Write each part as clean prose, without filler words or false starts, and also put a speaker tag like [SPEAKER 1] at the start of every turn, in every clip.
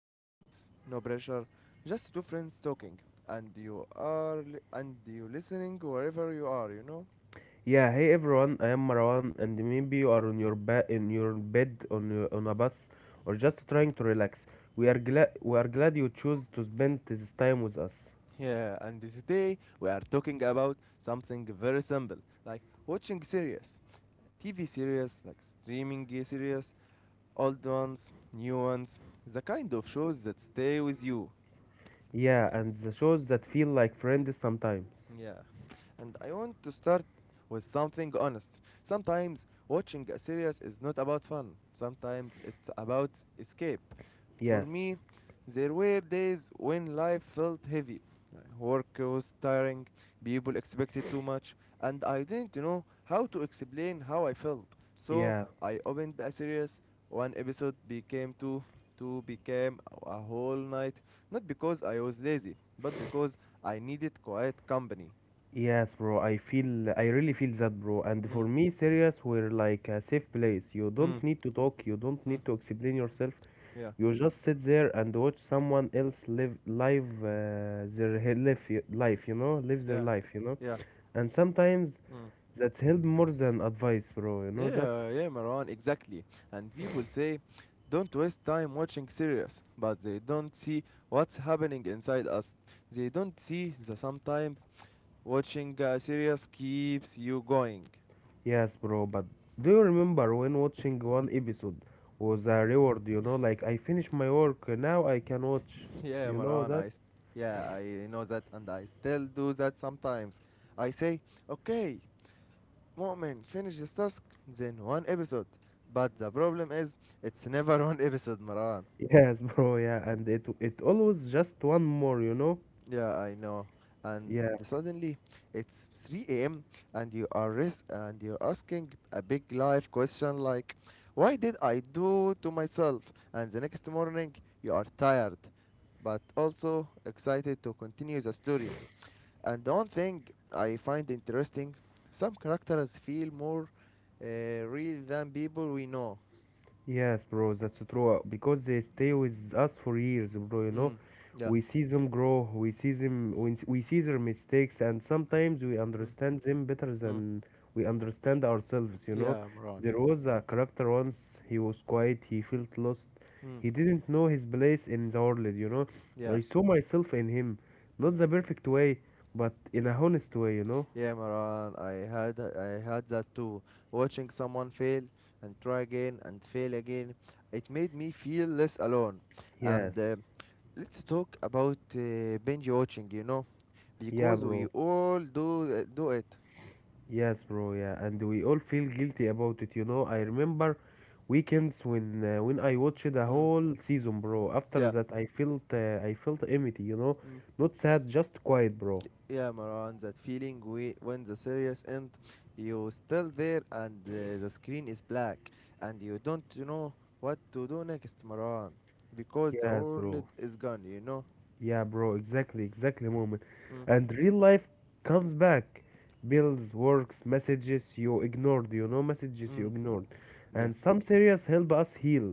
[SPEAKER 1] no stress, no pressure, just two friends talking and you listening wherever you are, you know?
[SPEAKER 2] Yeah, hey everyone, I am Marwan, and maybe you are on your bed, in your bed, on a bus, or just trying to relax. We are glad you choose to spend this time with us.
[SPEAKER 1] Yeah, and today we are talking about something very simple like watching series, TV series like streaming series, old ones, new ones, the kind of shows that stay with you.
[SPEAKER 2] Yeah, and the shows that feel like friends sometimes.
[SPEAKER 1] Yeah, and I want to start with something honest. Sometimes watching a series is not about fun, sometimes it's about escape. For
[SPEAKER 2] Yes,
[SPEAKER 1] me, there were days when life felt heavy. Like, work was tiring, people expected too much, and I didn't know how to explain how I felt. So
[SPEAKER 2] yeah,
[SPEAKER 1] I opened a series, one episode became two, two became a whole night, not because I was lazy, but because I needed quiet company.
[SPEAKER 2] yes, bro. I really feel that, bro. And
[SPEAKER 1] Mm.
[SPEAKER 2] for me, serious, we're like a safe place. You don't
[SPEAKER 1] Mm.
[SPEAKER 2] need to talk. You don't
[SPEAKER 1] Mm.
[SPEAKER 2] need to explain yourself.
[SPEAKER 1] Yeah,
[SPEAKER 2] You just sit there and watch someone else live live their he- life, y- life, you know, live their
[SPEAKER 1] yeah,
[SPEAKER 2] life.
[SPEAKER 1] yeah.
[SPEAKER 2] And sometimes
[SPEAKER 1] Mm.
[SPEAKER 2] that's help more than advice, bro. You
[SPEAKER 1] Yeah,
[SPEAKER 2] know that?
[SPEAKER 1] yeah, Marwan, exactly. And people say, don't waste time watching series, but they don't see what's happening inside us. They don't see that sometimes watching a series keeps you going.
[SPEAKER 2] Yes, bro. But do you remember when watching one episode was a reward? You know, like I finished my work now, I can watch.
[SPEAKER 1] Yeah,
[SPEAKER 2] You know
[SPEAKER 1] Marwan,
[SPEAKER 2] that?
[SPEAKER 1] yeah, I know that, and I still do that sometimes. I say, okay, Mu'min finished his task, then one episode. But the problem is, it's never one episode, Marwan.
[SPEAKER 2] Yes, bro. Yeah, and it always just one more.
[SPEAKER 1] Yeah, I know. And
[SPEAKER 2] Yeah,
[SPEAKER 1] suddenly, it's 3 a.m. and you're asking a big life question like, "Why did I do to myself?" And the next morning, you are tired, but also excited to continue the story. And the one thing I find interesting, some characters feel more real than people we know.
[SPEAKER 2] yes, bro, that's so true. Because they stay with us for years, bro. You know,
[SPEAKER 1] Mm. Yeah.
[SPEAKER 2] we see them grow. We see them. We see their mistakes, and sometimes we
[SPEAKER 1] Mm.
[SPEAKER 2] understand them better
[SPEAKER 1] Mm.
[SPEAKER 2] than we understand ourselves.
[SPEAKER 1] Yeah, Maran, yeah.
[SPEAKER 2] There was a character once. He was quiet. He felt lost.
[SPEAKER 1] Mm.
[SPEAKER 2] He didn't know his place in the world.
[SPEAKER 1] Yeah.
[SPEAKER 2] I saw myself in him, not
[SPEAKER 1] Yeah.
[SPEAKER 2] the perfect way, but in a honest way.
[SPEAKER 1] Yeah, Maran, I had that too. Watching someone fail and try again and fail again, it made me feel less alone.
[SPEAKER 2] Yes.
[SPEAKER 1] And let's talk about binge watching, you know,
[SPEAKER 2] Yeah,
[SPEAKER 1] because we
[SPEAKER 2] bro.
[SPEAKER 1] all do it.
[SPEAKER 2] Yes, bro. Yeah, and we all feel guilty about it. I remember weekends when I watched the
[SPEAKER 1] Mm.
[SPEAKER 2] whole season, bro. After
[SPEAKER 1] Yeah.
[SPEAKER 2] that, I felt empty. Not sad, just quiet, bro.
[SPEAKER 1] Yeah, Maran, that feeling, we, when the series end, you still there and the screen is black and you don't know what to do next, Maran, because the
[SPEAKER 2] Yes,
[SPEAKER 1] world
[SPEAKER 2] bro.
[SPEAKER 1] is gone, you know?
[SPEAKER 2] Yeah, bro. Exactly, exactly, moment.
[SPEAKER 1] Mm.
[SPEAKER 2] And real life comes back. Bills, works, messages you ignored. Messages you
[SPEAKER 1] Mm.
[SPEAKER 2] ignored.
[SPEAKER 1] Yeah.
[SPEAKER 2] And some serious help us heal.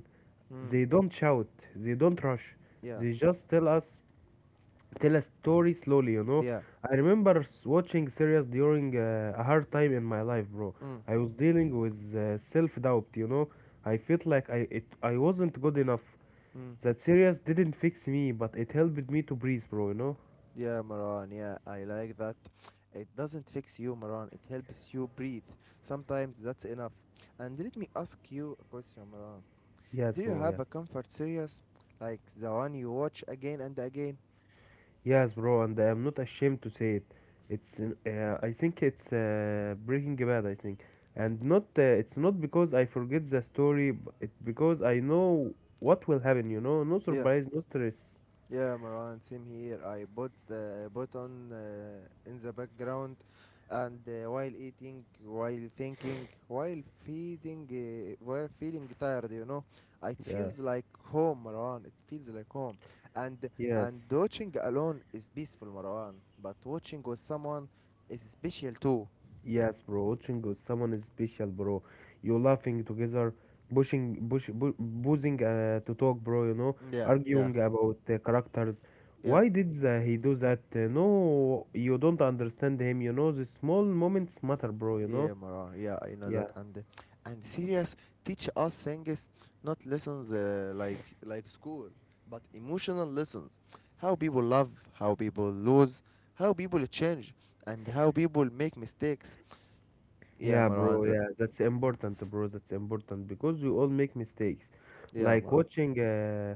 [SPEAKER 1] Mm.
[SPEAKER 2] They don't shout. They don't rush.
[SPEAKER 1] Yeah.
[SPEAKER 2] They just tell a story slowly.
[SPEAKER 1] Yeah.
[SPEAKER 2] I remember watching series during a hard time in my life, bro.
[SPEAKER 1] Mm.
[SPEAKER 2] I was dealing with self-doubt. I felt like I wasn't good enough.
[SPEAKER 1] Mm.
[SPEAKER 2] That series didn't fix me, but it helped me to breathe, bro.
[SPEAKER 1] Yeah, Maran, yeah, I like that. It doesn't fix you, Maran, it helps you breathe. Sometimes that's enough. And let me ask you a question, Maran.
[SPEAKER 2] Yes,
[SPEAKER 1] Do
[SPEAKER 2] bro,
[SPEAKER 1] you
[SPEAKER 2] yeah.
[SPEAKER 1] have a comfort series like the one you watch again and again?
[SPEAKER 2] Yes, bro, and I'm not ashamed to say it. It's I think it's Breaking Bad, I think. And not it's not because I forget the story, it because I know what will happen. No
[SPEAKER 1] Yeah,
[SPEAKER 2] surprise, no stress.
[SPEAKER 1] yeah, Marwan, same here. I bought the put on in the background, and while eating, while thinking, while feeding, while feeling tired, you know, it
[SPEAKER 2] Yeah,
[SPEAKER 1] feels like home, Marwan. It feels like home, and
[SPEAKER 2] yes,
[SPEAKER 1] and watching alone is peaceful, Marwan. But watching with someone is special too.
[SPEAKER 2] yes, bro. Watching with someone is special, bro. You laughing together, boozing to talk, bro.
[SPEAKER 1] Yeah, yeah,
[SPEAKER 2] Arguing about characters.
[SPEAKER 1] yeah.
[SPEAKER 2] Why did he do that? No, you don't understand him. The small moments matter, bro.
[SPEAKER 1] Yeah, Maran. Yeah, I know that.
[SPEAKER 2] Yeah,
[SPEAKER 1] And serious teach us things, not lessons like school, but emotional lessons. How people love, how people lose, how people change, and how people make mistakes. Yeah,
[SPEAKER 2] yeah,
[SPEAKER 1] Maran.
[SPEAKER 2] bro.
[SPEAKER 1] That.
[SPEAKER 2] Yeah, that's important, bro. That's important because we all make mistakes.
[SPEAKER 1] Yeah,
[SPEAKER 2] Like
[SPEAKER 1] Maran.
[SPEAKER 2] watching, uh,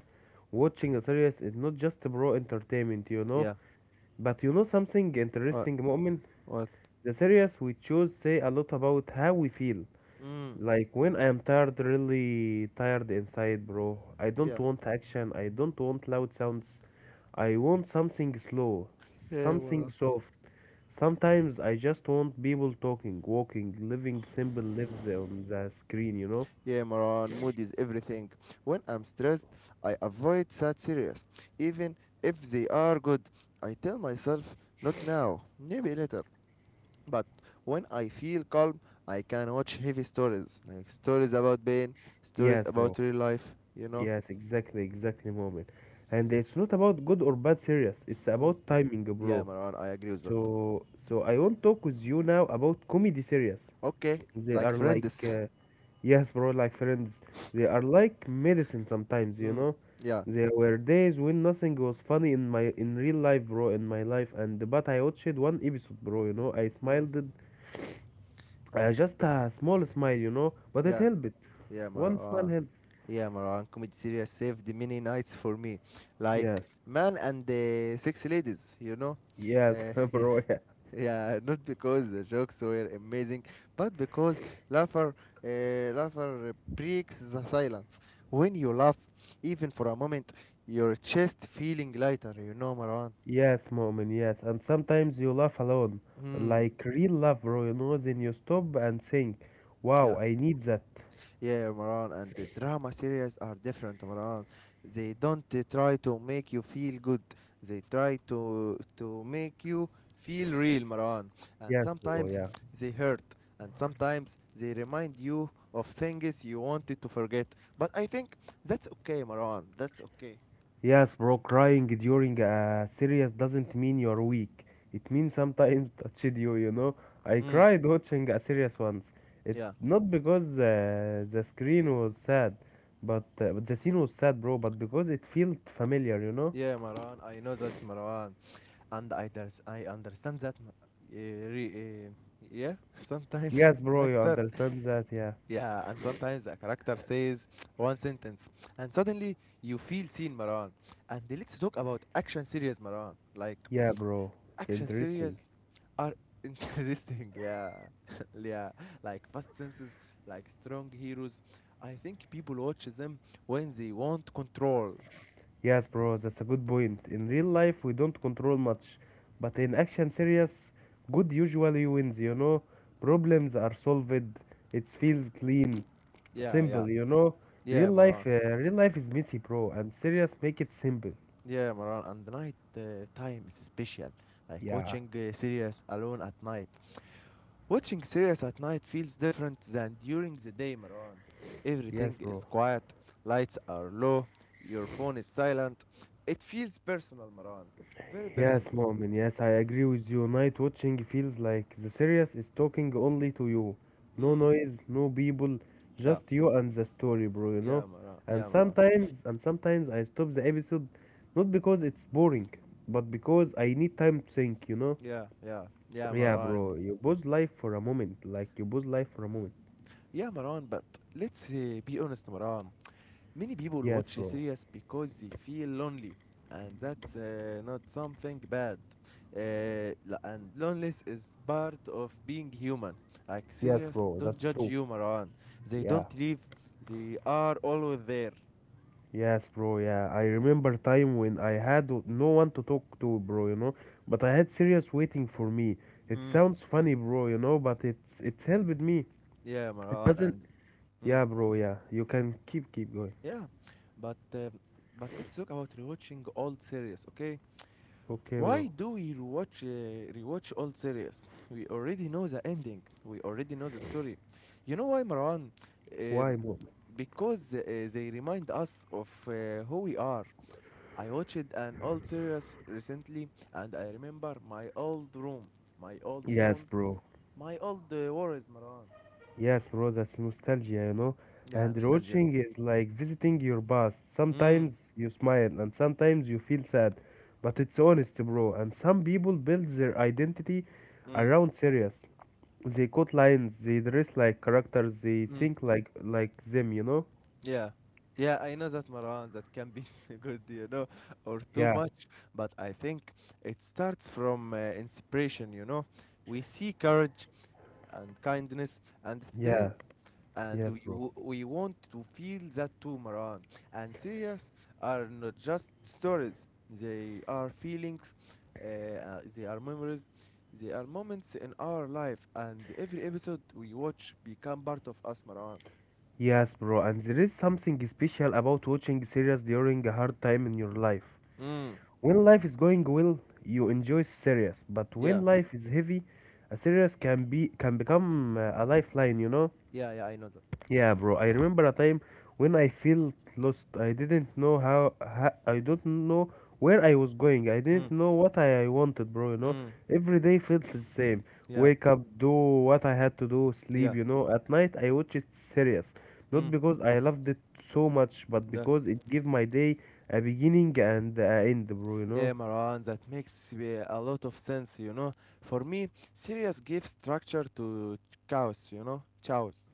[SPEAKER 2] watching a series is not just bro entertainment.
[SPEAKER 1] Yeah.
[SPEAKER 2] But you know something
[SPEAKER 1] What?
[SPEAKER 2] interesting, Mu'min?
[SPEAKER 1] What?
[SPEAKER 2] The series we choose say a lot about how we feel.
[SPEAKER 1] Mm.
[SPEAKER 2] Like when I am tired, really tired inside, bro. I don't
[SPEAKER 1] Yeah.
[SPEAKER 2] want action, I don't want loud sounds. I want something slow,
[SPEAKER 1] Yeah,
[SPEAKER 2] something
[SPEAKER 1] Mara.
[SPEAKER 2] soft. Sometimes I just want people talking, walking, living simple lives on the screen, you know?
[SPEAKER 1] Yeah, Maran, mood is everything. When I'm stressed, I avoid sad series, even if they are good. I tell myself, not now, maybe later. But when I feel calm, I can watch heavy stories, like stories about pain, stories
[SPEAKER 2] Yes, bro.
[SPEAKER 1] about real life, you know?
[SPEAKER 2] Yes, exactly, exactly, moment. And it's not about good or bad series. It's
[SPEAKER 1] Mm.
[SPEAKER 2] about timing,
[SPEAKER 1] Yeah,
[SPEAKER 2] bro.
[SPEAKER 1] Marwan, I agree with that.
[SPEAKER 2] So I want to talk with you now about comedy series.
[SPEAKER 1] Okay,
[SPEAKER 2] They
[SPEAKER 1] like
[SPEAKER 2] are like,
[SPEAKER 1] friends.
[SPEAKER 2] yes, bro, like friends. They are like medicine sometimes, you
[SPEAKER 1] Mm.
[SPEAKER 2] know.
[SPEAKER 1] Yeah.
[SPEAKER 2] There were days when nothing was funny in my in real life, bro, in my life, and but I watched one episode, bro. I
[SPEAKER 1] Mm.
[SPEAKER 2] smiled, just a small smile, but it
[SPEAKER 1] Yeah,
[SPEAKER 2] helped.
[SPEAKER 1] yeah,
[SPEAKER 2] One smile
[SPEAKER 1] Marwan.
[SPEAKER 2] helped.
[SPEAKER 1] Yeah, Marwan, comedy series saved many nights for me. Like
[SPEAKER 2] Yes,
[SPEAKER 1] Man and the Six Ladies, you know?
[SPEAKER 2] yes,
[SPEAKER 1] Yeah,
[SPEAKER 2] bro. Yeah.
[SPEAKER 1] yeah, not because the jokes were amazing, but because laughter, uh, laughter breaks the silence. When you laugh, even for a moment, your chest feeling lighter. You know, Marwan.
[SPEAKER 2] Yes, Mu'min, yes. And sometimes you laugh alone,
[SPEAKER 1] Hmm.
[SPEAKER 2] like real love, bro, then you stop and think, wow,
[SPEAKER 1] Yeah.
[SPEAKER 2] I need that.
[SPEAKER 1] Yeah, Maran, and the drama series are different, Maran. They don't try to make you feel good. They try to make you feel real, Maran. And
[SPEAKER 2] Yes, bro,
[SPEAKER 1] sometimes
[SPEAKER 2] yeah.
[SPEAKER 1] they hurt, and sometimes they remind you of things you wanted to forget. But I think that's okay, Maran. That's okay.
[SPEAKER 2] Yes, bro, crying during a serious doesn't mean you're weak. It means sometimes touched you, you know. I
[SPEAKER 1] Mm.
[SPEAKER 2] cried watching a serious once. It
[SPEAKER 1] Yeah.
[SPEAKER 2] not because the screen was sad, but but the scene was sad, bro, but because it felt familiar.
[SPEAKER 1] Yeah, Maran. I know that, Maran, and I understand that. Eh, re- eh, yeah. Sometimes,
[SPEAKER 2] Yes, bro,
[SPEAKER 1] like
[SPEAKER 2] you
[SPEAKER 1] that.
[SPEAKER 2] understand that, yeah.
[SPEAKER 1] Yeah, and sometimes a character says one sentence, and suddenly you feel seen, Maran. And let's talk about action series, Maran. Like,
[SPEAKER 2] Yeah, bro, it's
[SPEAKER 1] action
[SPEAKER 2] interesting.
[SPEAKER 1] series are interesting, yeah. Yeah, like fast senses, like strong heroes. I think people watch them when they want control.
[SPEAKER 2] Yes, bro, that's a good point. In real life, we don't control much, but in action series, good usually wins, you know? Problems are solved, it feels clean,
[SPEAKER 1] Yeah, yeah,
[SPEAKER 2] simple, you know? Real
[SPEAKER 1] yeah,
[SPEAKER 2] life,
[SPEAKER 1] Maran.
[SPEAKER 2] uh, real life is messy, bro, and serious make it simple.
[SPEAKER 1] Yeah, Maran. And the night time is special, like
[SPEAKER 2] Yeah,
[SPEAKER 1] watching series alone at night. Watching series at night feels different than during the day, Marwan.
[SPEAKER 2] yes,
[SPEAKER 1] Everything
[SPEAKER 2] bro.
[SPEAKER 1] is quiet, lights are low, your phone is silent. It feels personal, Marwan. Very
[SPEAKER 2] Yes,
[SPEAKER 1] personal.
[SPEAKER 2] Mu'min, yes, I agree with you. Night watching feels like the series is talking only to you. No
[SPEAKER 1] Mm.
[SPEAKER 2] noise, no people,
[SPEAKER 1] Yeah,
[SPEAKER 2] just you and the story, bro, you know?
[SPEAKER 1] yeah, Marwan.
[SPEAKER 2] And
[SPEAKER 1] Yeah, Marwan.
[SPEAKER 2] sometimes, and sometimes I stop the episode not because it's boring, but because I need time to think, you know?
[SPEAKER 1] Yeah, yeah, yeah,
[SPEAKER 2] Yeah,
[SPEAKER 1] Marwan.
[SPEAKER 2] bro, you pause life for a moment, like you pause life for a moment.
[SPEAKER 1] Yeah, Marwan, but let's be honest, Marwan. Many people
[SPEAKER 2] Yes,
[SPEAKER 1] watch
[SPEAKER 2] bro.
[SPEAKER 1] series because they feel lonely, and that's not something bad. And loneliness is part of being human. Like
[SPEAKER 2] Yes,
[SPEAKER 1] series
[SPEAKER 2] bro,
[SPEAKER 1] don't
[SPEAKER 2] that's
[SPEAKER 1] judge
[SPEAKER 2] true.
[SPEAKER 1] you, Marwan. They
[SPEAKER 2] Yeah.
[SPEAKER 1] don't leave. They are always there.
[SPEAKER 2] Yes, bro. Yeah, I remember time when I had no one to talk to, bro. But I had serious waiting for me. It
[SPEAKER 1] Mm.
[SPEAKER 2] sounds funny, bro. But it's helped me.
[SPEAKER 1] Yeah,
[SPEAKER 2] It
[SPEAKER 1] Marwan,
[SPEAKER 2] doesn't.
[SPEAKER 1] and
[SPEAKER 2] Yeah,
[SPEAKER 1] mm,
[SPEAKER 2] bro. Yeah, you can keep going.
[SPEAKER 1] yeah, but um, but let's talk about rewatching old series, okay?
[SPEAKER 2] Okay,
[SPEAKER 1] Why
[SPEAKER 2] bro.
[SPEAKER 1] do we rewatch old series? We already know the ending. We already know the story. You know why, Marwan?
[SPEAKER 2] Why,
[SPEAKER 1] Um,
[SPEAKER 2] bro?
[SPEAKER 1] because they remind us of who we are. I watched an old series recently, and I remember my old room, my old
[SPEAKER 2] Yes,
[SPEAKER 1] phone,
[SPEAKER 2] bro.
[SPEAKER 1] my old worries, Marwan.
[SPEAKER 2] Yes, bro. That's nostalgia.
[SPEAKER 1] Yeah,
[SPEAKER 2] And
[SPEAKER 1] nostalgia.
[SPEAKER 2] rewatching is like visiting your past.
[SPEAKER 1] Mm.
[SPEAKER 2] Sometimes you smile and sometimes you feel sad, but it's honest, bro. And some people build their identity
[SPEAKER 1] Mm.
[SPEAKER 2] around serious. They quote lines, they dress like characters, they
[SPEAKER 1] Mm.
[SPEAKER 2] think like them, you know?
[SPEAKER 1] Yeah. Yeah, I know that, Marwan, that can be good, you know, or too
[SPEAKER 2] Yeah,
[SPEAKER 1] much, but I think it starts from inspiration, you know. We see courage and kindness and
[SPEAKER 2] yeah,
[SPEAKER 1] strength, and
[SPEAKER 2] yes,
[SPEAKER 1] we,
[SPEAKER 2] bro.
[SPEAKER 1] w- we want to feel that too, Marwan. And serious are not just stories, they are feelings, they are memories, they are moments in our life, and every episode we watch become part of us, Marwan.
[SPEAKER 2] Yes, bro, and there is something special about watching series during a hard time in your life.
[SPEAKER 1] Mm.
[SPEAKER 2] When life is going well, you enjoy series, but
[SPEAKER 1] Yeah.
[SPEAKER 2] when life is heavy, a series can become a lifeline, you know?
[SPEAKER 1] Yeah, yeah, I know that.
[SPEAKER 2] Yeah, bro. I remember a time when I felt lost. I didn't know how I don't know where I was going. I didn't
[SPEAKER 1] Mm.
[SPEAKER 2] know what I wanted, bro.
[SPEAKER 1] Mm.
[SPEAKER 2] Every day felt the same.
[SPEAKER 1] Yeah,
[SPEAKER 2] Wake up, do what I had to do, sleep,
[SPEAKER 1] yeah.
[SPEAKER 2] you know. At night I watched it serious. Not
[SPEAKER 1] Mm.
[SPEAKER 2] because I loved it so much, but
[SPEAKER 1] the
[SPEAKER 2] because it gave my day a beginning and a end, bro, you
[SPEAKER 1] Yeah,
[SPEAKER 2] know.
[SPEAKER 1] Maran. That makes a lot of sense, you know. For me, Sirius gives structure to chaos, you know, chaos.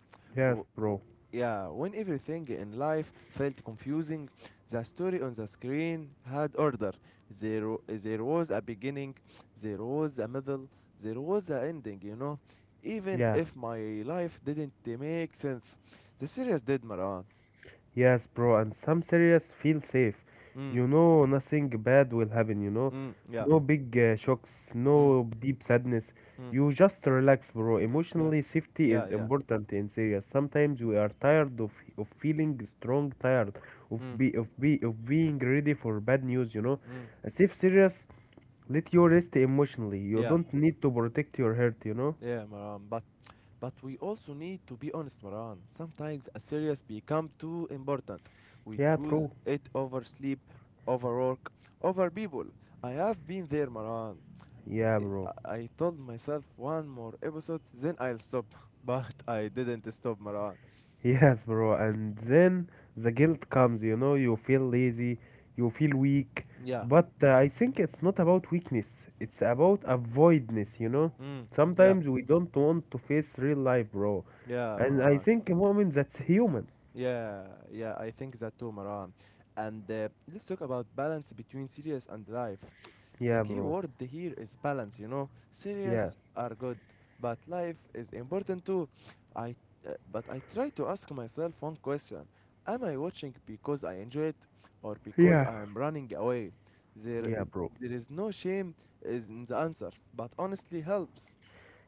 [SPEAKER 1] W-
[SPEAKER 2] Yes, bro.
[SPEAKER 1] w- Yeah, when everything in life felt confusing, the story on the screen had order. There was a beginning, there was a middle, there was an ending, you know. Even
[SPEAKER 2] Yeah.
[SPEAKER 1] if my life didn't make sense, the series did, Maran.
[SPEAKER 2] Yes, bro, and some serious feel safe. Nothing bad will happen.
[SPEAKER 1] Mm. Yeah.
[SPEAKER 2] No big shocks,
[SPEAKER 1] Mm.
[SPEAKER 2] no deep sadness.
[SPEAKER 1] Mm.
[SPEAKER 2] You just relax, bro.
[SPEAKER 1] Yeah.
[SPEAKER 2] Emotionally, safety
[SPEAKER 1] Yeah,
[SPEAKER 2] is
[SPEAKER 1] yeah.
[SPEAKER 2] important in serious. Sometimes we are tired of feeling strong, tired of
[SPEAKER 1] Mm.
[SPEAKER 2] be of be of being ready for bad news.
[SPEAKER 1] Mm.
[SPEAKER 2] As if serious, let you rest emotionally. You
[SPEAKER 1] Yeah,
[SPEAKER 2] don't need to protect your heart.
[SPEAKER 1] yeah, Maran. But we also need to be honest, Maran. Sometimes a serious become too important. We
[SPEAKER 2] Yeah,
[SPEAKER 1] choose
[SPEAKER 2] true.
[SPEAKER 1] it over sleep, over work, over people. I have been there, Maran.
[SPEAKER 2] Yeah,
[SPEAKER 1] I,
[SPEAKER 2] bro.
[SPEAKER 1] I told myself one more episode, then I'll stop. But I didn't stop, Maran.
[SPEAKER 2] Yes, bro. And then the guilt comes, you feel lazy, you feel weak.
[SPEAKER 1] Yeah.
[SPEAKER 2] But I think it's not about weakness, it's about avoidness.
[SPEAKER 1] Mm. Yeah.
[SPEAKER 2] Sometimes we don't want to face real life, bro.
[SPEAKER 1] Yeah,
[SPEAKER 2] And I
[SPEAKER 1] Maran.
[SPEAKER 2] think, moment that's human.
[SPEAKER 1] Yeah, yeah, I think that too, Maran. And let's talk about balance between serious and life. The
[SPEAKER 2] Yeah,
[SPEAKER 1] key
[SPEAKER 2] bro.
[SPEAKER 1] word here is balance, you know.
[SPEAKER 2] Yeah.
[SPEAKER 1] Serious are good, but life is important too. I but I try to ask myself one question. Am I watching because I enjoy it or because
[SPEAKER 2] Yeah.
[SPEAKER 1] I am running away? There
[SPEAKER 2] Yeah, bro.
[SPEAKER 1] there is no shame is in the answer, but honestly helps.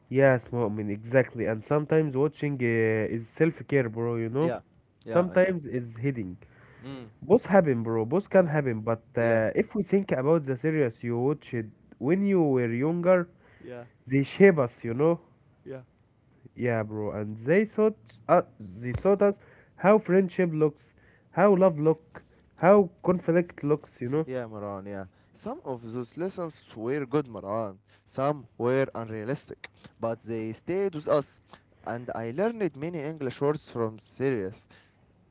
[SPEAKER 2] Yes, Mu'min, exactly. And sometimes watching is self-care, bro, you know?
[SPEAKER 1] Yeah. Yeah, I know.
[SPEAKER 2] Sometimes is hiding.
[SPEAKER 1] Mm.
[SPEAKER 2] Both happen, bro. Both can
[SPEAKER 1] y-
[SPEAKER 2] happen. But
[SPEAKER 1] Yeah.
[SPEAKER 2] uh, if we think about the series you watched when you were younger,
[SPEAKER 1] Yeah,
[SPEAKER 2] they shape us.
[SPEAKER 1] yeah.
[SPEAKER 2] Yeah, bro. And they taught us how friendship looks, how love look, how conflict looks.
[SPEAKER 1] Yeah, Maran, yeah. Some of those lessons were good, Maran. Some were unrealistic, but they stayed with us. And I learned many English words from series,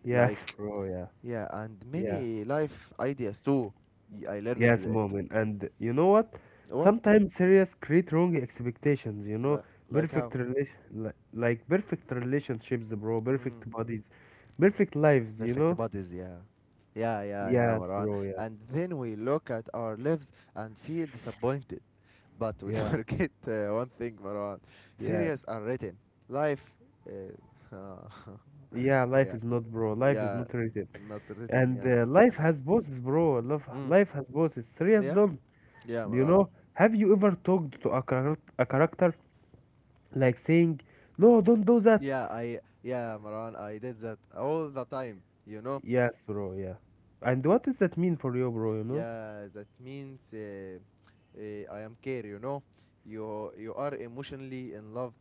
[SPEAKER 2] Yes,
[SPEAKER 1] like,
[SPEAKER 2] bro. Yeah,
[SPEAKER 1] yeah, and
[SPEAKER 2] yeah.
[SPEAKER 1] many life ideas too. I learned
[SPEAKER 2] Yes,
[SPEAKER 1] it.
[SPEAKER 2] moment. And you know what?
[SPEAKER 1] What?
[SPEAKER 2] Sometimes serious create wrong expectations.
[SPEAKER 1] Li- Like how?
[SPEAKER 2] Like perfect relationships, bro.
[SPEAKER 1] Mm.
[SPEAKER 2] Perfect bodies, perfect lives.
[SPEAKER 1] Perfect bodies, yeah. Yeah, yeah, yeah,
[SPEAKER 2] Yes,
[SPEAKER 1] Maran.
[SPEAKER 2] bro. Yeah,
[SPEAKER 1] And then we look at our lives and feel disappointed. But we
[SPEAKER 2] yeah,
[SPEAKER 1] forget one thing, Marwan.
[SPEAKER 2] yes.
[SPEAKER 1] Series are written. Life, uh,
[SPEAKER 2] Yeah, life
[SPEAKER 1] yeah,
[SPEAKER 2] is not, bro. Life is
[SPEAKER 1] yeah,
[SPEAKER 2] not written,
[SPEAKER 1] not written.
[SPEAKER 2] and
[SPEAKER 1] Yeah,
[SPEAKER 2] life has bosses, bro. Love,
[SPEAKER 1] mm,
[SPEAKER 2] life has bosses. Serious,
[SPEAKER 1] yeah,
[SPEAKER 2] don't
[SPEAKER 1] yeah,
[SPEAKER 2] you
[SPEAKER 1] Marwan.
[SPEAKER 2] know? Have you ever talked to a character like saying, "No, don't do that."
[SPEAKER 1] Yeah, Marwan. I did that all the time. You know.
[SPEAKER 2] Yes, bro. Yeah. And what does that mean for you, bro? You know?
[SPEAKER 1] Yeah, that means I am care, you know. You are emotionally in love,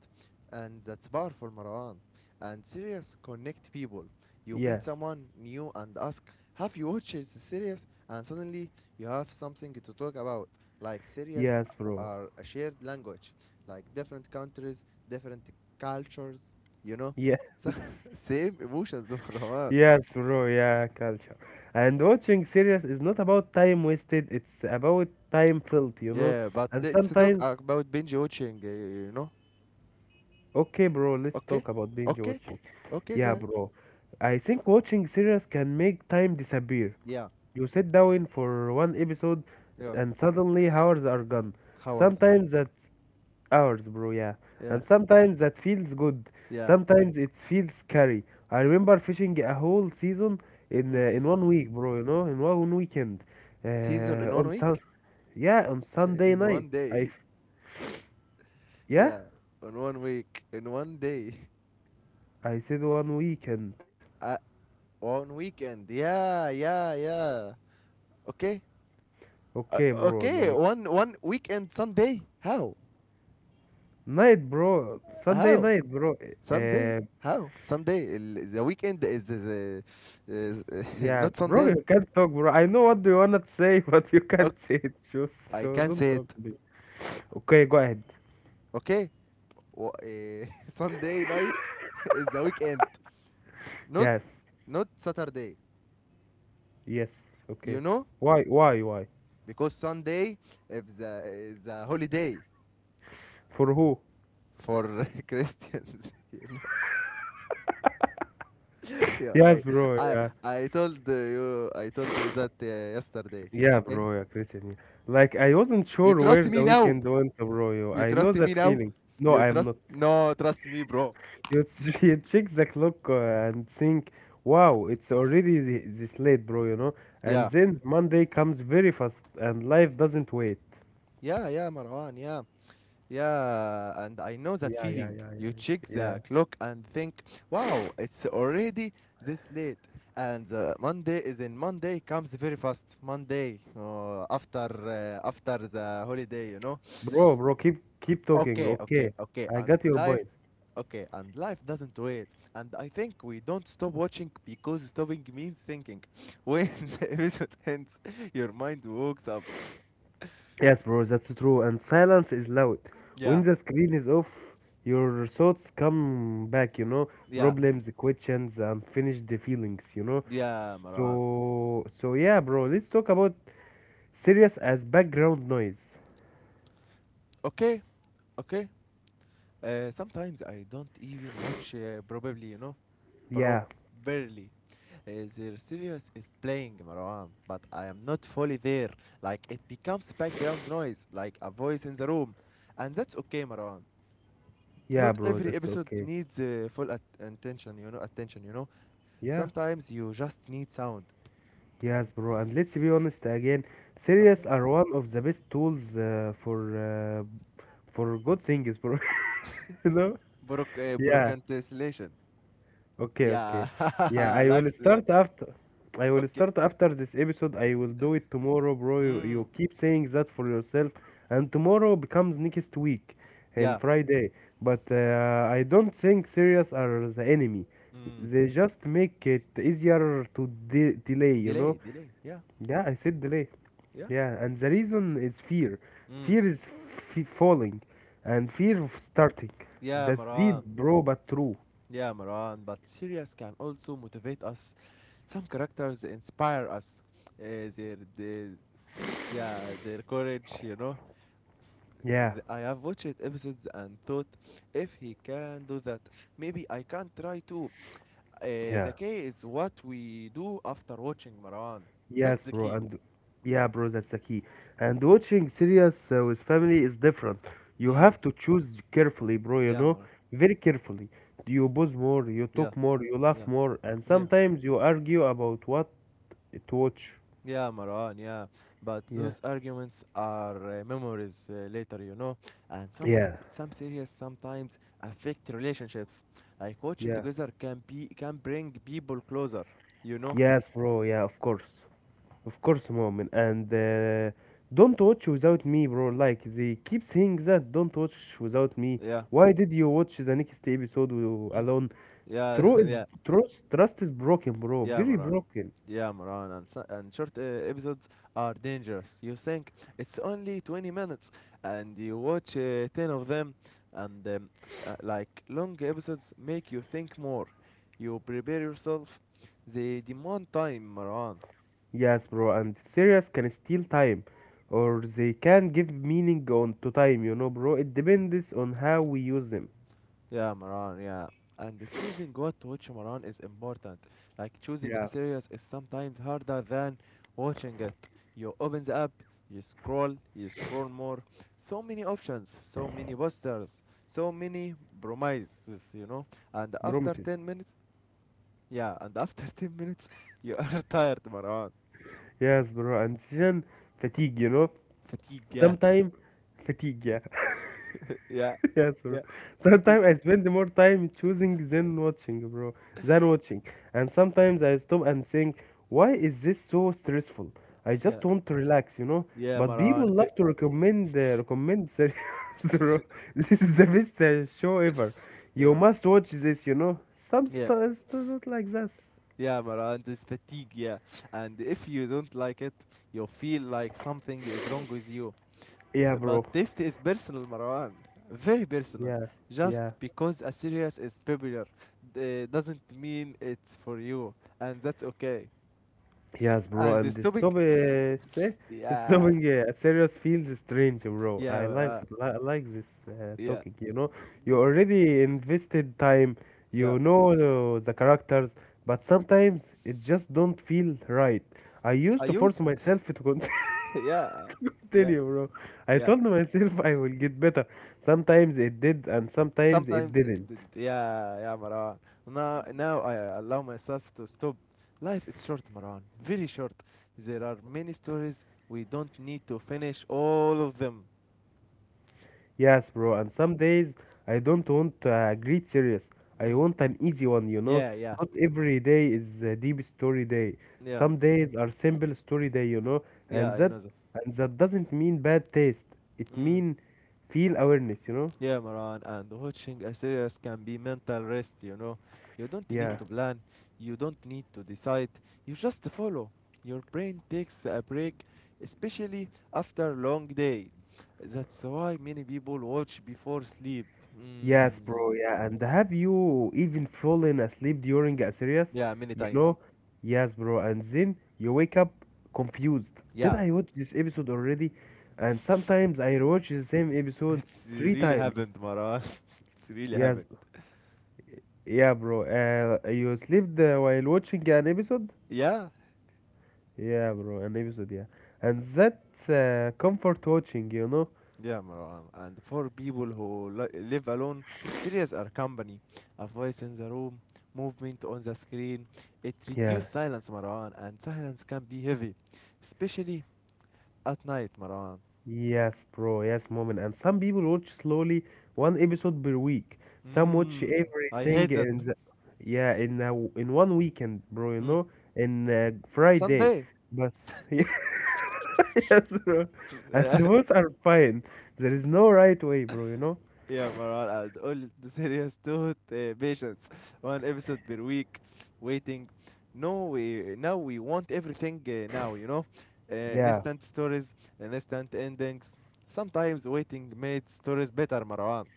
[SPEAKER 1] and that's powerful, Marwan. And series connect people. You meet
[SPEAKER 2] Yes.
[SPEAKER 1] someone new and ask, "Have you watched the series?" And suddenly you have something to talk about. Like series
[SPEAKER 2] Yes, bro.
[SPEAKER 1] are a shared language, like different countries, different cultures, you know,
[SPEAKER 2] Yes.
[SPEAKER 1] same emotions, Marwan.
[SPEAKER 2] Yes, bro. Yeah, culture. And watching series is not about time wasted. It's about time filled. You know?
[SPEAKER 1] Yeah, but
[SPEAKER 2] And
[SPEAKER 1] let's talk
[SPEAKER 2] sometimes.
[SPEAKER 1] about binge watching, you know.
[SPEAKER 2] Okay, bro, let's
[SPEAKER 1] Okay.
[SPEAKER 2] talk about binge
[SPEAKER 1] Okay.
[SPEAKER 2] watching.
[SPEAKER 1] Okay, go
[SPEAKER 2] Yeah,
[SPEAKER 1] ahead.
[SPEAKER 2] bro. I think watching series can make time disappear.
[SPEAKER 1] Yeah.
[SPEAKER 2] You sit down for one episode
[SPEAKER 1] Yeah.
[SPEAKER 2] and suddenly hours are gone.
[SPEAKER 1] Hours, yeah.
[SPEAKER 2] Sometimes that's hours, bro, yeah.
[SPEAKER 1] Yeah.
[SPEAKER 2] And sometimes that feels good.
[SPEAKER 1] Yeah.
[SPEAKER 2] Sometimes it feels scary. I remember fishing a whole season in one week,
[SPEAKER 1] Mm.
[SPEAKER 2] bro, in one weekend.
[SPEAKER 1] Season in one
[SPEAKER 2] On sun
[SPEAKER 1] week?
[SPEAKER 2] Yeah, on Sunday
[SPEAKER 1] In one
[SPEAKER 2] night.
[SPEAKER 1] day.
[SPEAKER 2] Yeah,
[SPEAKER 1] Yeah. On one week. In one day.
[SPEAKER 2] I said one weekend.
[SPEAKER 1] Uh, one weekend. Yeah, yeah, yeah. Okay. Uh,
[SPEAKER 2] Okay, bro,
[SPEAKER 1] okay,
[SPEAKER 2] like
[SPEAKER 1] one weekend Sunday. How?
[SPEAKER 2] Night, bro. Sunday
[SPEAKER 1] How?
[SPEAKER 2] night, bro.
[SPEAKER 1] Sunday.
[SPEAKER 2] Uh,
[SPEAKER 1] How? Sunday. ال- The weekend is,
[SPEAKER 2] yeah,
[SPEAKER 1] not
[SPEAKER 2] bro,
[SPEAKER 1] Sunday.
[SPEAKER 2] you can't talk, bro. I know what you wanna say, but you can't
[SPEAKER 1] Okay.
[SPEAKER 2] say it. Just
[SPEAKER 1] I
[SPEAKER 2] so
[SPEAKER 1] can't
[SPEAKER 2] don't
[SPEAKER 1] say
[SPEAKER 2] talk,
[SPEAKER 1] it.
[SPEAKER 2] please. Okay, go ahead.
[SPEAKER 1] Okay? Sunday night is the weekend, not
[SPEAKER 2] Yes,
[SPEAKER 1] not Saturday.
[SPEAKER 2] yes.
[SPEAKER 1] You
[SPEAKER 2] Okay.
[SPEAKER 1] know,
[SPEAKER 2] Why, why?
[SPEAKER 1] because Sunday is the holiday
[SPEAKER 2] For who?
[SPEAKER 1] for Christians. You know, yeah,
[SPEAKER 2] Yes,
[SPEAKER 1] I
[SPEAKER 2] bro.
[SPEAKER 1] I
[SPEAKER 2] Yeah,
[SPEAKER 1] I told you I told you that yesterday.
[SPEAKER 2] yeah,
[SPEAKER 1] Okay,
[SPEAKER 2] bro. Yeah, Christian. Yeah. Like I wasn't
[SPEAKER 1] you
[SPEAKER 2] sure
[SPEAKER 1] trust
[SPEAKER 2] where the
[SPEAKER 1] me now.
[SPEAKER 2] weekend went, bro. Yo.
[SPEAKER 1] You
[SPEAKER 2] I know
[SPEAKER 1] trust
[SPEAKER 2] that
[SPEAKER 1] me now.
[SPEAKER 2] feeling. No,
[SPEAKER 1] You
[SPEAKER 2] I am
[SPEAKER 1] trust?
[SPEAKER 2] not.
[SPEAKER 1] No, trust me, bro.
[SPEAKER 2] You check the clock and think, wow, it's already this late, bro, you know? And
[SPEAKER 1] Yeah,
[SPEAKER 2] then Monday comes very fast and life doesn't wait.
[SPEAKER 1] yeah, yeah, Marwan. Yeah, yeah, and I know that
[SPEAKER 2] Yeah, yeah,
[SPEAKER 1] feeling.
[SPEAKER 2] yeah, yeah,
[SPEAKER 1] You check
[SPEAKER 2] yeah. Yeah.
[SPEAKER 1] the clock and think, wow, it's already this late. And Monday is in Monday comes very fast. Monday after the holiday, you know.
[SPEAKER 2] Bro, bro, keep talking.
[SPEAKER 1] Okay, okay,
[SPEAKER 2] Okay.
[SPEAKER 1] okay.
[SPEAKER 2] I
[SPEAKER 1] And
[SPEAKER 2] got your
[SPEAKER 1] life,
[SPEAKER 2] point.
[SPEAKER 1] okay, and life doesn't wait. And I think we don't stop watching because stopping means thinking. When the episode ends, your mind wakes up.
[SPEAKER 2] Yes, bro, that's true. And silence is loud.
[SPEAKER 1] Yeah,
[SPEAKER 2] When the screen is off, your thoughts come back, you know,
[SPEAKER 1] yeah,
[SPEAKER 2] problems, questions, unfinished feelings, you know.
[SPEAKER 1] yeah, Marwan.
[SPEAKER 2] So yeah, bro, let's talk about serious as background noise.
[SPEAKER 1] Okay, okay. Sometimes I don't even watch, probably,
[SPEAKER 2] Yeah,
[SPEAKER 1] properly. Their serious is playing, Marwan, but I am not fully there. Like, it becomes background noise, like a voice in the room. And that's okay, Marwan.
[SPEAKER 2] yeah,
[SPEAKER 1] Not
[SPEAKER 2] bro,
[SPEAKER 1] every
[SPEAKER 2] that's
[SPEAKER 1] episode
[SPEAKER 2] okay.
[SPEAKER 1] needs full at- attention, you know, attention, you know
[SPEAKER 2] Yeah,
[SPEAKER 1] Sometimes you just need sound.
[SPEAKER 2] yes, bro. And let's be honest again, series
[SPEAKER 1] Okay.
[SPEAKER 2] are one of the best tools for good things, bro. You know? Yeah,
[SPEAKER 1] Broadcastillation.
[SPEAKER 2] okay,
[SPEAKER 1] Yeah.
[SPEAKER 2] okay. Yeah, I will
[SPEAKER 1] Lux.
[SPEAKER 2] start after. I will
[SPEAKER 1] Okay.
[SPEAKER 2] start after this episode. I will do it tomorrow, bro. You,
[SPEAKER 1] Mm.
[SPEAKER 2] you keep saying that for yourself, and tomorrow becomes next week and
[SPEAKER 1] Yeah.
[SPEAKER 2] Friday. But I don't think serious are the enemy.
[SPEAKER 1] Mm.
[SPEAKER 2] They just make it easier to delay, you know?
[SPEAKER 1] Delay, delay. Yeah,
[SPEAKER 2] Yeah, I said delay.
[SPEAKER 1] yeah.
[SPEAKER 2] Yeah, and the reason is fear.
[SPEAKER 1] Mm.
[SPEAKER 2] Fear is falling, and fear of starting.
[SPEAKER 1] Yeah,
[SPEAKER 2] That's
[SPEAKER 1] Maran.
[SPEAKER 2] deep, bro, but true.
[SPEAKER 1] Yeah, Maran. But series can also motivate us. Some characters inspire us. Uh, their, their, yeah, their courage.
[SPEAKER 2] Yeah,
[SPEAKER 1] I have watched episodes and thought, if he can do that, maybe I can try too. Uh,
[SPEAKER 2] yeah.
[SPEAKER 1] the key is what we do after watching, Maran.
[SPEAKER 2] Yes,
[SPEAKER 1] That's the
[SPEAKER 2] bro,
[SPEAKER 1] key.
[SPEAKER 2] and yeah, bro, that's the key. And watching series with family is different. You
[SPEAKER 1] Mm.
[SPEAKER 2] have to choose carefully, bro, you
[SPEAKER 1] Yeah,
[SPEAKER 2] know,
[SPEAKER 1] Maran.
[SPEAKER 2] very carefully. You pause more, you
[SPEAKER 1] Yeah,
[SPEAKER 2] talk more, you laugh
[SPEAKER 1] yeah,
[SPEAKER 2] more, and
[SPEAKER 1] yeah.
[SPEAKER 2] sometimes you argue about what to watch.
[SPEAKER 1] Yeah, Marwan, yeah. But
[SPEAKER 2] Yeah,
[SPEAKER 1] those arguments are memories later, you know. And some s-
[SPEAKER 2] yeah,
[SPEAKER 1] some series sometimes affect relationships. Like watching
[SPEAKER 2] yeah.
[SPEAKER 1] together can bring people closer, you know.
[SPEAKER 2] Yes, bro, yeah, of course. Of course, moment. And don't watch without me, bro. Like, they keep saying that, don't watch without me.
[SPEAKER 1] Yeah.
[SPEAKER 2] Why did you watch the next episode
[SPEAKER 1] Mm.
[SPEAKER 2] alone?
[SPEAKER 1] Yeah,
[SPEAKER 2] True is
[SPEAKER 1] yeah.
[SPEAKER 2] trust is broken, bro.
[SPEAKER 1] Yeah,
[SPEAKER 2] Very
[SPEAKER 1] Maran.
[SPEAKER 2] broken.
[SPEAKER 1] Yeah, Maran. And short episodes are dangerous. You think it's only 20 minutes, and you watch 10 of them, and like long episodes make you think more. You prepare yourself. They demand time, Maran.
[SPEAKER 2] Yes, bro. And serious can steal time, or they can give meaning on to time. You know, bro. It depends on how we use them.
[SPEAKER 1] Yeah, Maran, yeah. And choosing what to watch, Maran, is important. Like choosing a
[SPEAKER 2] Yeah,
[SPEAKER 1] series is sometimes harder than watching it. You open the app, you scroll more. So many options, so many posters, so many promises. And after
[SPEAKER 2] promises.
[SPEAKER 1] 10 minutes, yeah, and after 10 minutes, you are tired, Maran.
[SPEAKER 2] Yes, bro. And decision fatigue. You know,
[SPEAKER 1] Fatigue, yeah,
[SPEAKER 2] sometime fatigue. Yeah.
[SPEAKER 1] yeah,
[SPEAKER 2] Yes, bro.
[SPEAKER 1] yeah. Fatigue,
[SPEAKER 2] Sometimes I spend more time choosing than watching, bro, than watching. And sometimes I stop and think, why is this so stressful? I
[SPEAKER 1] yeah,
[SPEAKER 2] just want to relax, you know.
[SPEAKER 1] yeah,
[SPEAKER 2] But people
[SPEAKER 1] Maran.
[SPEAKER 2] love to recommend series, bro. This is the best show ever. You
[SPEAKER 1] Yeah,
[SPEAKER 2] must watch this, you know. Some
[SPEAKER 1] yeah.
[SPEAKER 2] stuff not like this.
[SPEAKER 1] Yeah, Mara, and it's fatigue, yeah. And if you don't like it, you feel like something is wrong with you.
[SPEAKER 2] Yeah,
[SPEAKER 1] But
[SPEAKER 2] bro.
[SPEAKER 1] taste is personal, Marwan. Very personal.
[SPEAKER 2] Yeah,
[SPEAKER 1] Just
[SPEAKER 2] yeah.
[SPEAKER 1] because a series is popular doesn't mean it's for you. And that's okay.
[SPEAKER 2] Yes, bro,
[SPEAKER 1] And
[SPEAKER 2] and
[SPEAKER 1] the
[SPEAKER 2] the stop,
[SPEAKER 1] stopping.
[SPEAKER 2] say,
[SPEAKER 1] Yeah.
[SPEAKER 2] stopping serious feels strange, bro.
[SPEAKER 1] Yeah,
[SPEAKER 2] I like
[SPEAKER 1] Mara.
[SPEAKER 2] li like this
[SPEAKER 1] Yeah.
[SPEAKER 2] talking, you know. You already invested time,
[SPEAKER 1] Yeah.
[SPEAKER 2] you know the characters, but sometimes it just don't feel right. I used
[SPEAKER 1] I
[SPEAKER 2] to force
[SPEAKER 1] used.
[SPEAKER 2] myself to
[SPEAKER 1] Yeah. Yeah.
[SPEAKER 2] continue, bro. I
[SPEAKER 1] Yeah.
[SPEAKER 2] told myself I will get better. Sometimes it did, and sometimes it
[SPEAKER 1] Sometimes,
[SPEAKER 2] didn't.
[SPEAKER 1] yeah, yeah, Maran. Now I allow myself to stop. Life is short, Maran, very short. There are many stories. We don't need to finish all of them.
[SPEAKER 2] Yes, bro, and some days I don't want a great series. I
[SPEAKER 1] Mm.
[SPEAKER 2] want an easy one, you know.
[SPEAKER 1] Yeah, yeah,
[SPEAKER 2] Not every day is a deep story day.
[SPEAKER 1] yeah,
[SPEAKER 2] Some days are simple story day, you know, and
[SPEAKER 1] yeah. I know that.
[SPEAKER 2] that doesn't mean bad taste. It
[SPEAKER 1] Mm.
[SPEAKER 2] mean feel awareness, you know?
[SPEAKER 1] Yeah, Maran, and watching a series can be mental rest. You don't need
[SPEAKER 2] Yeah.
[SPEAKER 1] to plan, you don't need to decide, you just follow. Your brain takes a break, especially after a long day. That's why many people watch before sleep.
[SPEAKER 2] Yes,
[SPEAKER 1] Mm.
[SPEAKER 2] bro. Yeah, and have you even fallen asleep during a series?
[SPEAKER 1] Yeah, many
[SPEAKER 2] You
[SPEAKER 1] times.
[SPEAKER 2] know? Yes, bro. And then you wake up confused. Did
[SPEAKER 1] Yeah,
[SPEAKER 2] I watch this episode already? And sometimes I watch the same episode
[SPEAKER 1] it's
[SPEAKER 2] three
[SPEAKER 1] really
[SPEAKER 2] times.
[SPEAKER 1] happened, Maran. It's really
[SPEAKER 2] Yes,
[SPEAKER 1] happened.
[SPEAKER 2] yeah, bro. You slept while watching an episode?
[SPEAKER 1] Yeah.
[SPEAKER 2] Yeah, bro, an episode, yeah. And that's comfort watching, you know?
[SPEAKER 1] Yeah, Marwan. And for people who live alone, series are company. A voice in the room, movement on the screen. It
[SPEAKER 2] Yeah.
[SPEAKER 1] reduces silence, Marwan, and silence can be heavy, especially at night, Marwan.
[SPEAKER 2] Yes, bro. Yes, moment. And some people watch slowly one episode per week. Some watch
[SPEAKER 1] Mm, I
[SPEAKER 2] everything
[SPEAKER 1] hate that.
[SPEAKER 2] in the, yeah, in a, in one weekend, bro. You
[SPEAKER 1] Mm.
[SPEAKER 2] know, in Friday,
[SPEAKER 1] Sunday.
[SPEAKER 2] but yeah, yes, bro. And both are fine. There is no right way, bro. You know.
[SPEAKER 1] Yeah, Maran, and all the series taught patience. One episode per week, waiting. No, we now we want everything now.
[SPEAKER 2] Yeah.
[SPEAKER 1] Instant stories, instant endings. Sometimes waiting made stories better, Marwan.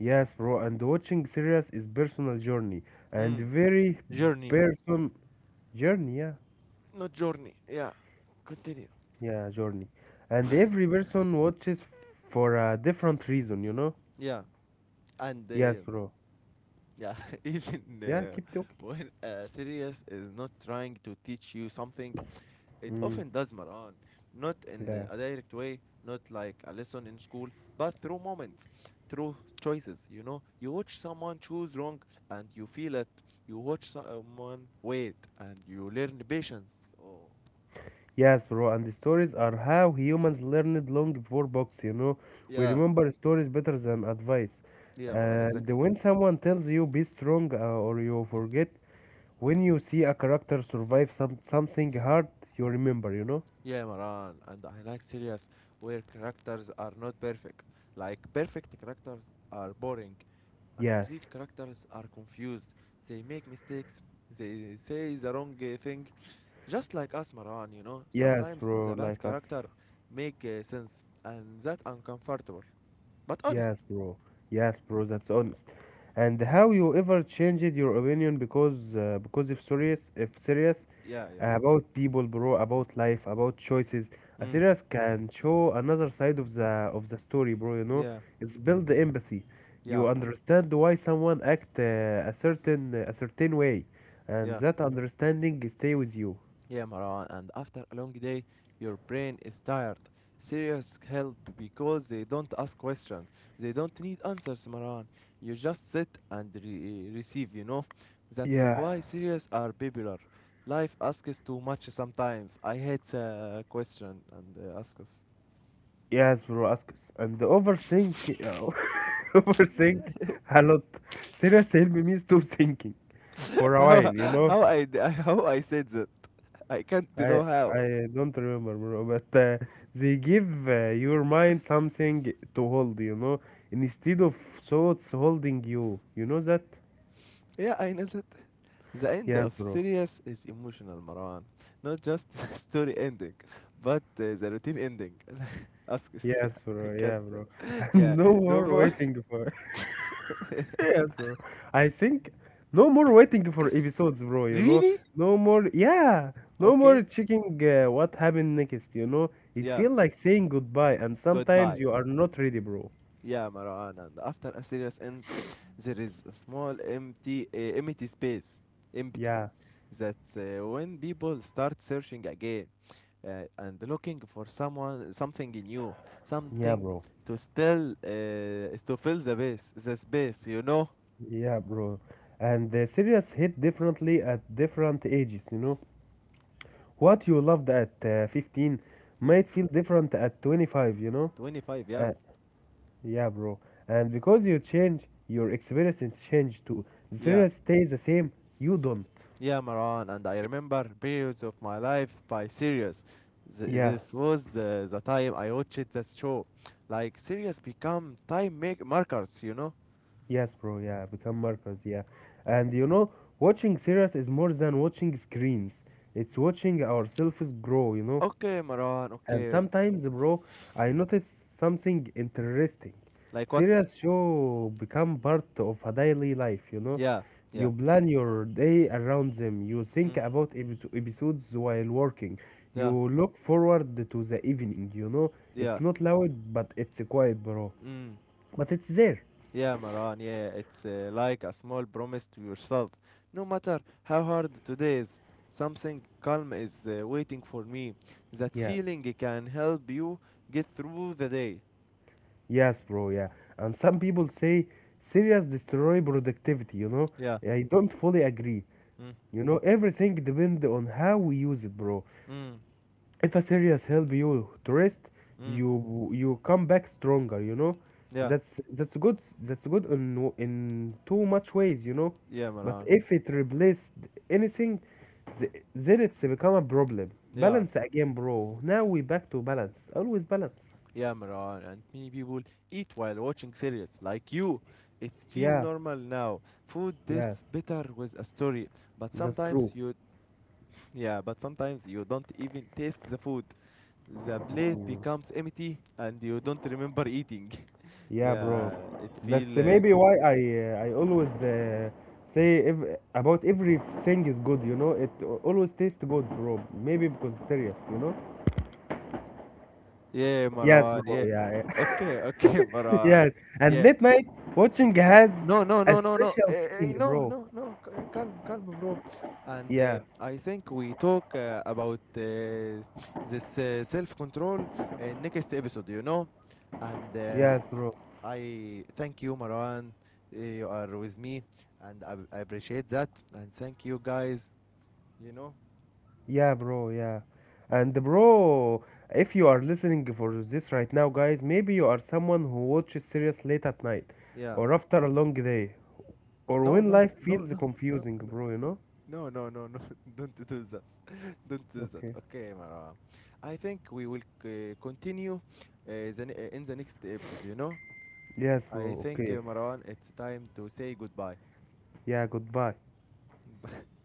[SPEAKER 2] Yes, bro. And watching series is personal journey and
[SPEAKER 1] Mm.
[SPEAKER 2] very
[SPEAKER 1] Journey,
[SPEAKER 2] person journey. Yeah.
[SPEAKER 1] not journey. Yeah, continue.
[SPEAKER 2] Yeah, journey. And every person watches for a different reason, you know?
[SPEAKER 1] Yeah, and
[SPEAKER 2] Yes, bro.
[SPEAKER 1] yeah, even
[SPEAKER 2] Yeah, keep talking.
[SPEAKER 1] when a series is not trying to teach you something, it
[SPEAKER 2] Mm,
[SPEAKER 1] often does, Maran. Not in
[SPEAKER 2] yeah.
[SPEAKER 1] a direct way, not like a lesson in school, but through moments, through choices. You watch someone choose wrong and you feel it. You watch someone wait and you learn patience. Oh,
[SPEAKER 2] Yes, bro. And the stories are how humans learned long before books, you know? We
[SPEAKER 1] yeah,
[SPEAKER 2] remember stories better than advice.
[SPEAKER 1] yeah, Maran,
[SPEAKER 2] And
[SPEAKER 1] exactly.
[SPEAKER 2] when someone tells you be strong or you forget, when you see a character survive something hard, you remember, you know?
[SPEAKER 1] Yeah, Maran, and I like series where characters are not perfect. Like, perfect characters are boring, and
[SPEAKER 2] Yes.
[SPEAKER 1] real characters are confused. They make mistakes, they say the wrong thing. Just like us, Maran,
[SPEAKER 2] Yes,
[SPEAKER 1] sometimes
[SPEAKER 2] bro,
[SPEAKER 1] the bad
[SPEAKER 2] like us.
[SPEAKER 1] character make sense, and that uncomfortable. But honest.
[SPEAKER 2] Yes, bro. Yes, bro. That's honest. And how you ever changed your opinion because if serious
[SPEAKER 1] Yeah, yeah.
[SPEAKER 2] about people, bro, about life, about choices, a
[SPEAKER 1] Mm.
[SPEAKER 2] serious can show another side of the story, bro. You know,
[SPEAKER 1] Yeah,
[SPEAKER 2] it's build the empathy.
[SPEAKER 1] yeah,
[SPEAKER 2] You understand why someone act a certain way, and
[SPEAKER 1] yeah.
[SPEAKER 2] that understanding stay with you.
[SPEAKER 1] Yeah, Maran, and after a long day, your brain is tired. Serious help because they don't ask questions. They don't need answers, Maran. You just sit and receive, you know? That's
[SPEAKER 2] Yeah,
[SPEAKER 1] why serious are popular. Life asks too much sometimes. I hate question and ask us.
[SPEAKER 2] yes, bro, ask us. And overthink, uh, overthink a lot. Seriously, help me stop thinking for a while,
[SPEAKER 1] How,
[SPEAKER 2] you know?
[SPEAKER 1] how, how I said that? I can't
[SPEAKER 2] I
[SPEAKER 1] know how.
[SPEAKER 2] I don't remember, bro, but they give your mind something to hold, you know, instead of thoughts holding you. You know that?
[SPEAKER 1] Yeah, I know that. The end of
[SPEAKER 2] Yes, bro.
[SPEAKER 1] Sirius is emotional, Marwan. Not just story ending, but the routine ending. Ask us,
[SPEAKER 2] Yes,
[SPEAKER 1] yeah, I
[SPEAKER 2] bro.
[SPEAKER 1] can't.
[SPEAKER 2] Yeah, bro.
[SPEAKER 1] uh,
[SPEAKER 2] And
[SPEAKER 1] Yeah,
[SPEAKER 2] no
[SPEAKER 1] no
[SPEAKER 2] more
[SPEAKER 1] more.
[SPEAKER 2] waiting for. Yes, bro. I think no more waiting for episodes, bro. You know,
[SPEAKER 1] Really?
[SPEAKER 2] no more. Yeah, no more
[SPEAKER 1] Okay,
[SPEAKER 2] checking what happened next. You know, it
[SPEAKER 1] yeah,
[SPEAKER 2] feel like saying goodbye, and sometimes
[SPEAKER 1] goodbye.
[SPEAKER 2] you are not ready, bro.
[SPEAKER 1] Yeah, Marwan. And after a Sirius ends, there is a small empty space. Empty.
[SPEAKER 2] Yeah,
[SPEAKER 1] That's when people start searching again. And looking for someone, something new,
[SPEAKER 2] yeah,
[SPEAKER 1] something
[SPEAKER 2] bro.
[SPEAKER 1] to still to fill the base, the space, you know.
[SPEAKER 2] Yeah, bro. And the series hit differently at different ages. You know, what you loved at 15
[SPEAKER 1] Yeah.
[SPEAKER 2] might feel different at 25. You know,
[SPEAKER 1] 25, yeah,
[SPEAKER 2] uh, yeah, bro. And because you change, your experience change too.
[SPEAKER 1] yeah,
[SPEAKER 2] The stays the same, you don't.
[SPEAKER 1] yeah, Maran, and I remember periods of my life by Sirius.
[SPEAKER 2] Yeah,
[SPEAKER 1] This was the time I watched that show. Like Sirius become time make markers, you know.
[SPEAKER 2] yes, bro. Yeah, become markers. Yeah, and you know, watching series is more than watching screens. It's watching ourselves grow. You know.
[SPEAKER 1] Okay, Maran,
[SPEAKER 2] And
[SPEAKER 1] okay.
[SPEAKER 2] sometimes, bro, I notice something interesting.
[SPEAKER 1] Like what?
[SPEAKER 2] Serious show become part of a daily life, you know?
[SPEAKER 1] Yeah, yeah.
[SPEAKER 2] You plan your day around them. You think
[SPEAKER 1] Mm,
[SPEAKER 2] about episodes while working.
[SPEAKER 1] yeah,
[SPEAKER 2] You look forward to the evening, you know? It's
[SPEAKER 1] yeah.
[SPEAKER 2] not loud, but it's quiet, bro.
[SPEAKER 1] Mm.
[SPEAKER 2] But it's there.
[SPEAKER 1] Yeah, Maran, yeah, it's like a small promise to yourself. No matter how hard today is, something calm is waiting for me. That
[SPEAKER 2] Yes.
[SPEAKER 1] feeling can help you get through the day.
[SPEAKER 2] Yes, bro, yeah. And some people say serious destroy productivity, you know?
[SPEAKER 1] Yeah.
[SPEAKER 2] I don't fully agree.
[SPEAKER 1] Mm,
[SPEAKER 2] You know, everything depends on how we use it, bro.
[SPEAKER 1] mm,
[SPEAKER 2] If a serious help you to rest,
[SPEAKER 1] mm.
[SPEAKER 2] you come back stronger, you know,
[SPEAKER 1] Yeah,
[SPEAKER 2] that's that's good in in too much ways, you know,
[SPEAKER 1] yeah,
[SPEAKER 2] but
[SPEAKER 1] Maran.
[SPEAKER 2] if it replaced anything, then it's become a problem.
[SPEAKER 1] Yeah,
[SPEAKER 2] Balance again, bro, now we back to balance, always balance.
[SPEAKER 1] yeah, Maran. And many people eat while watching series, like you. It feels
[SPEAKER 2] Yeah,
[SPEAKER 1] normal now. Food
[SPEAKER 2] yes,
[SPEAKER 1] tastes better with a story, but
[SPEAKER 2] that's
[SPEAKER 1] sometimes
[SPEAKER 2] true.
[SPEAKER 1] you, yeah, but sometimes you don't even taste the food. The plate becomes empty and you don't remember eating.
[SPEAKER 2] Yeah, bro.
[SPEAKER 1] Yeah, it feel
[SPEAKER 2] That's maybe why I always say ev about everything is good, you know. It always tastes good, bro. Maybe because serious, you know.
[SPEAKER 1] yeah,
[SPEAKER 2] Yes,
[SPEAKER 1] Marwan.
[SPEAKER 2] bro.
[SPEAKER 1] Yeah,
[SPEAKER 2] Yeah, yeah.
[SPEAKER 1] okay, okay, Marwan.
[SPEAKER 2] yes. And
[SPEAKER 1] Yeah,
[SPEAKER 2] late night watching has
[SPEAKER 1] no, no,
[SPEAKER 2] a
[SPEAKER 1] no, no, no,
[SPEAKER 2] special feeling,
[SPEAKER 1] no,
[SPEAKER 2] bro.
[SPEAKER 1] no, no. Calm, calm, bro. And
[SPEAKER 2] Yeah.
[SPEAKER 1] I think we talk about this self-control in next episode. And
[SPEAKER 2] Yes, bro.
[SPEAKER 1] I thank you, Marwan. You are with me, and I appreciate that. And thank you, guys. You know.
[SPEAKER 2] Yeah, bro. Yeah. And bro, if you are listening for this right now, guys, maybe you are someone who watches serious late at night
[SPEAKER 1] Yeah.
[SPEAKER 2] or after a long day, or
[SPEAKER 1] No,
[SPEAKER 2] when
[SPEAKER 1] no,
[SPEAKER 2] life
[SPEAKER 1] no,
[SPEAKER 2] feels
[SPEAKER 1] no, no,
[SPEAKER 2] confusing, bro, you know?
[SPEAKER 1] no, no, no, no, no. Don't do that. Don't do that.
[SPEAKER 2] Okay.
[SPEAKER 1] Okay, Marwa. I think we will continue in the next episode, you know?
[SPEAKER 2] Yes,
[SPEAKER 1] I
[SPEAKER 2] bro.
[SPEAKER 1] think,
[SPEAKER 2] Okay.
[SPEAKER 1] Marwan, it's time to say goodbye.
[SPEAKER 2] Yeah, goodbye.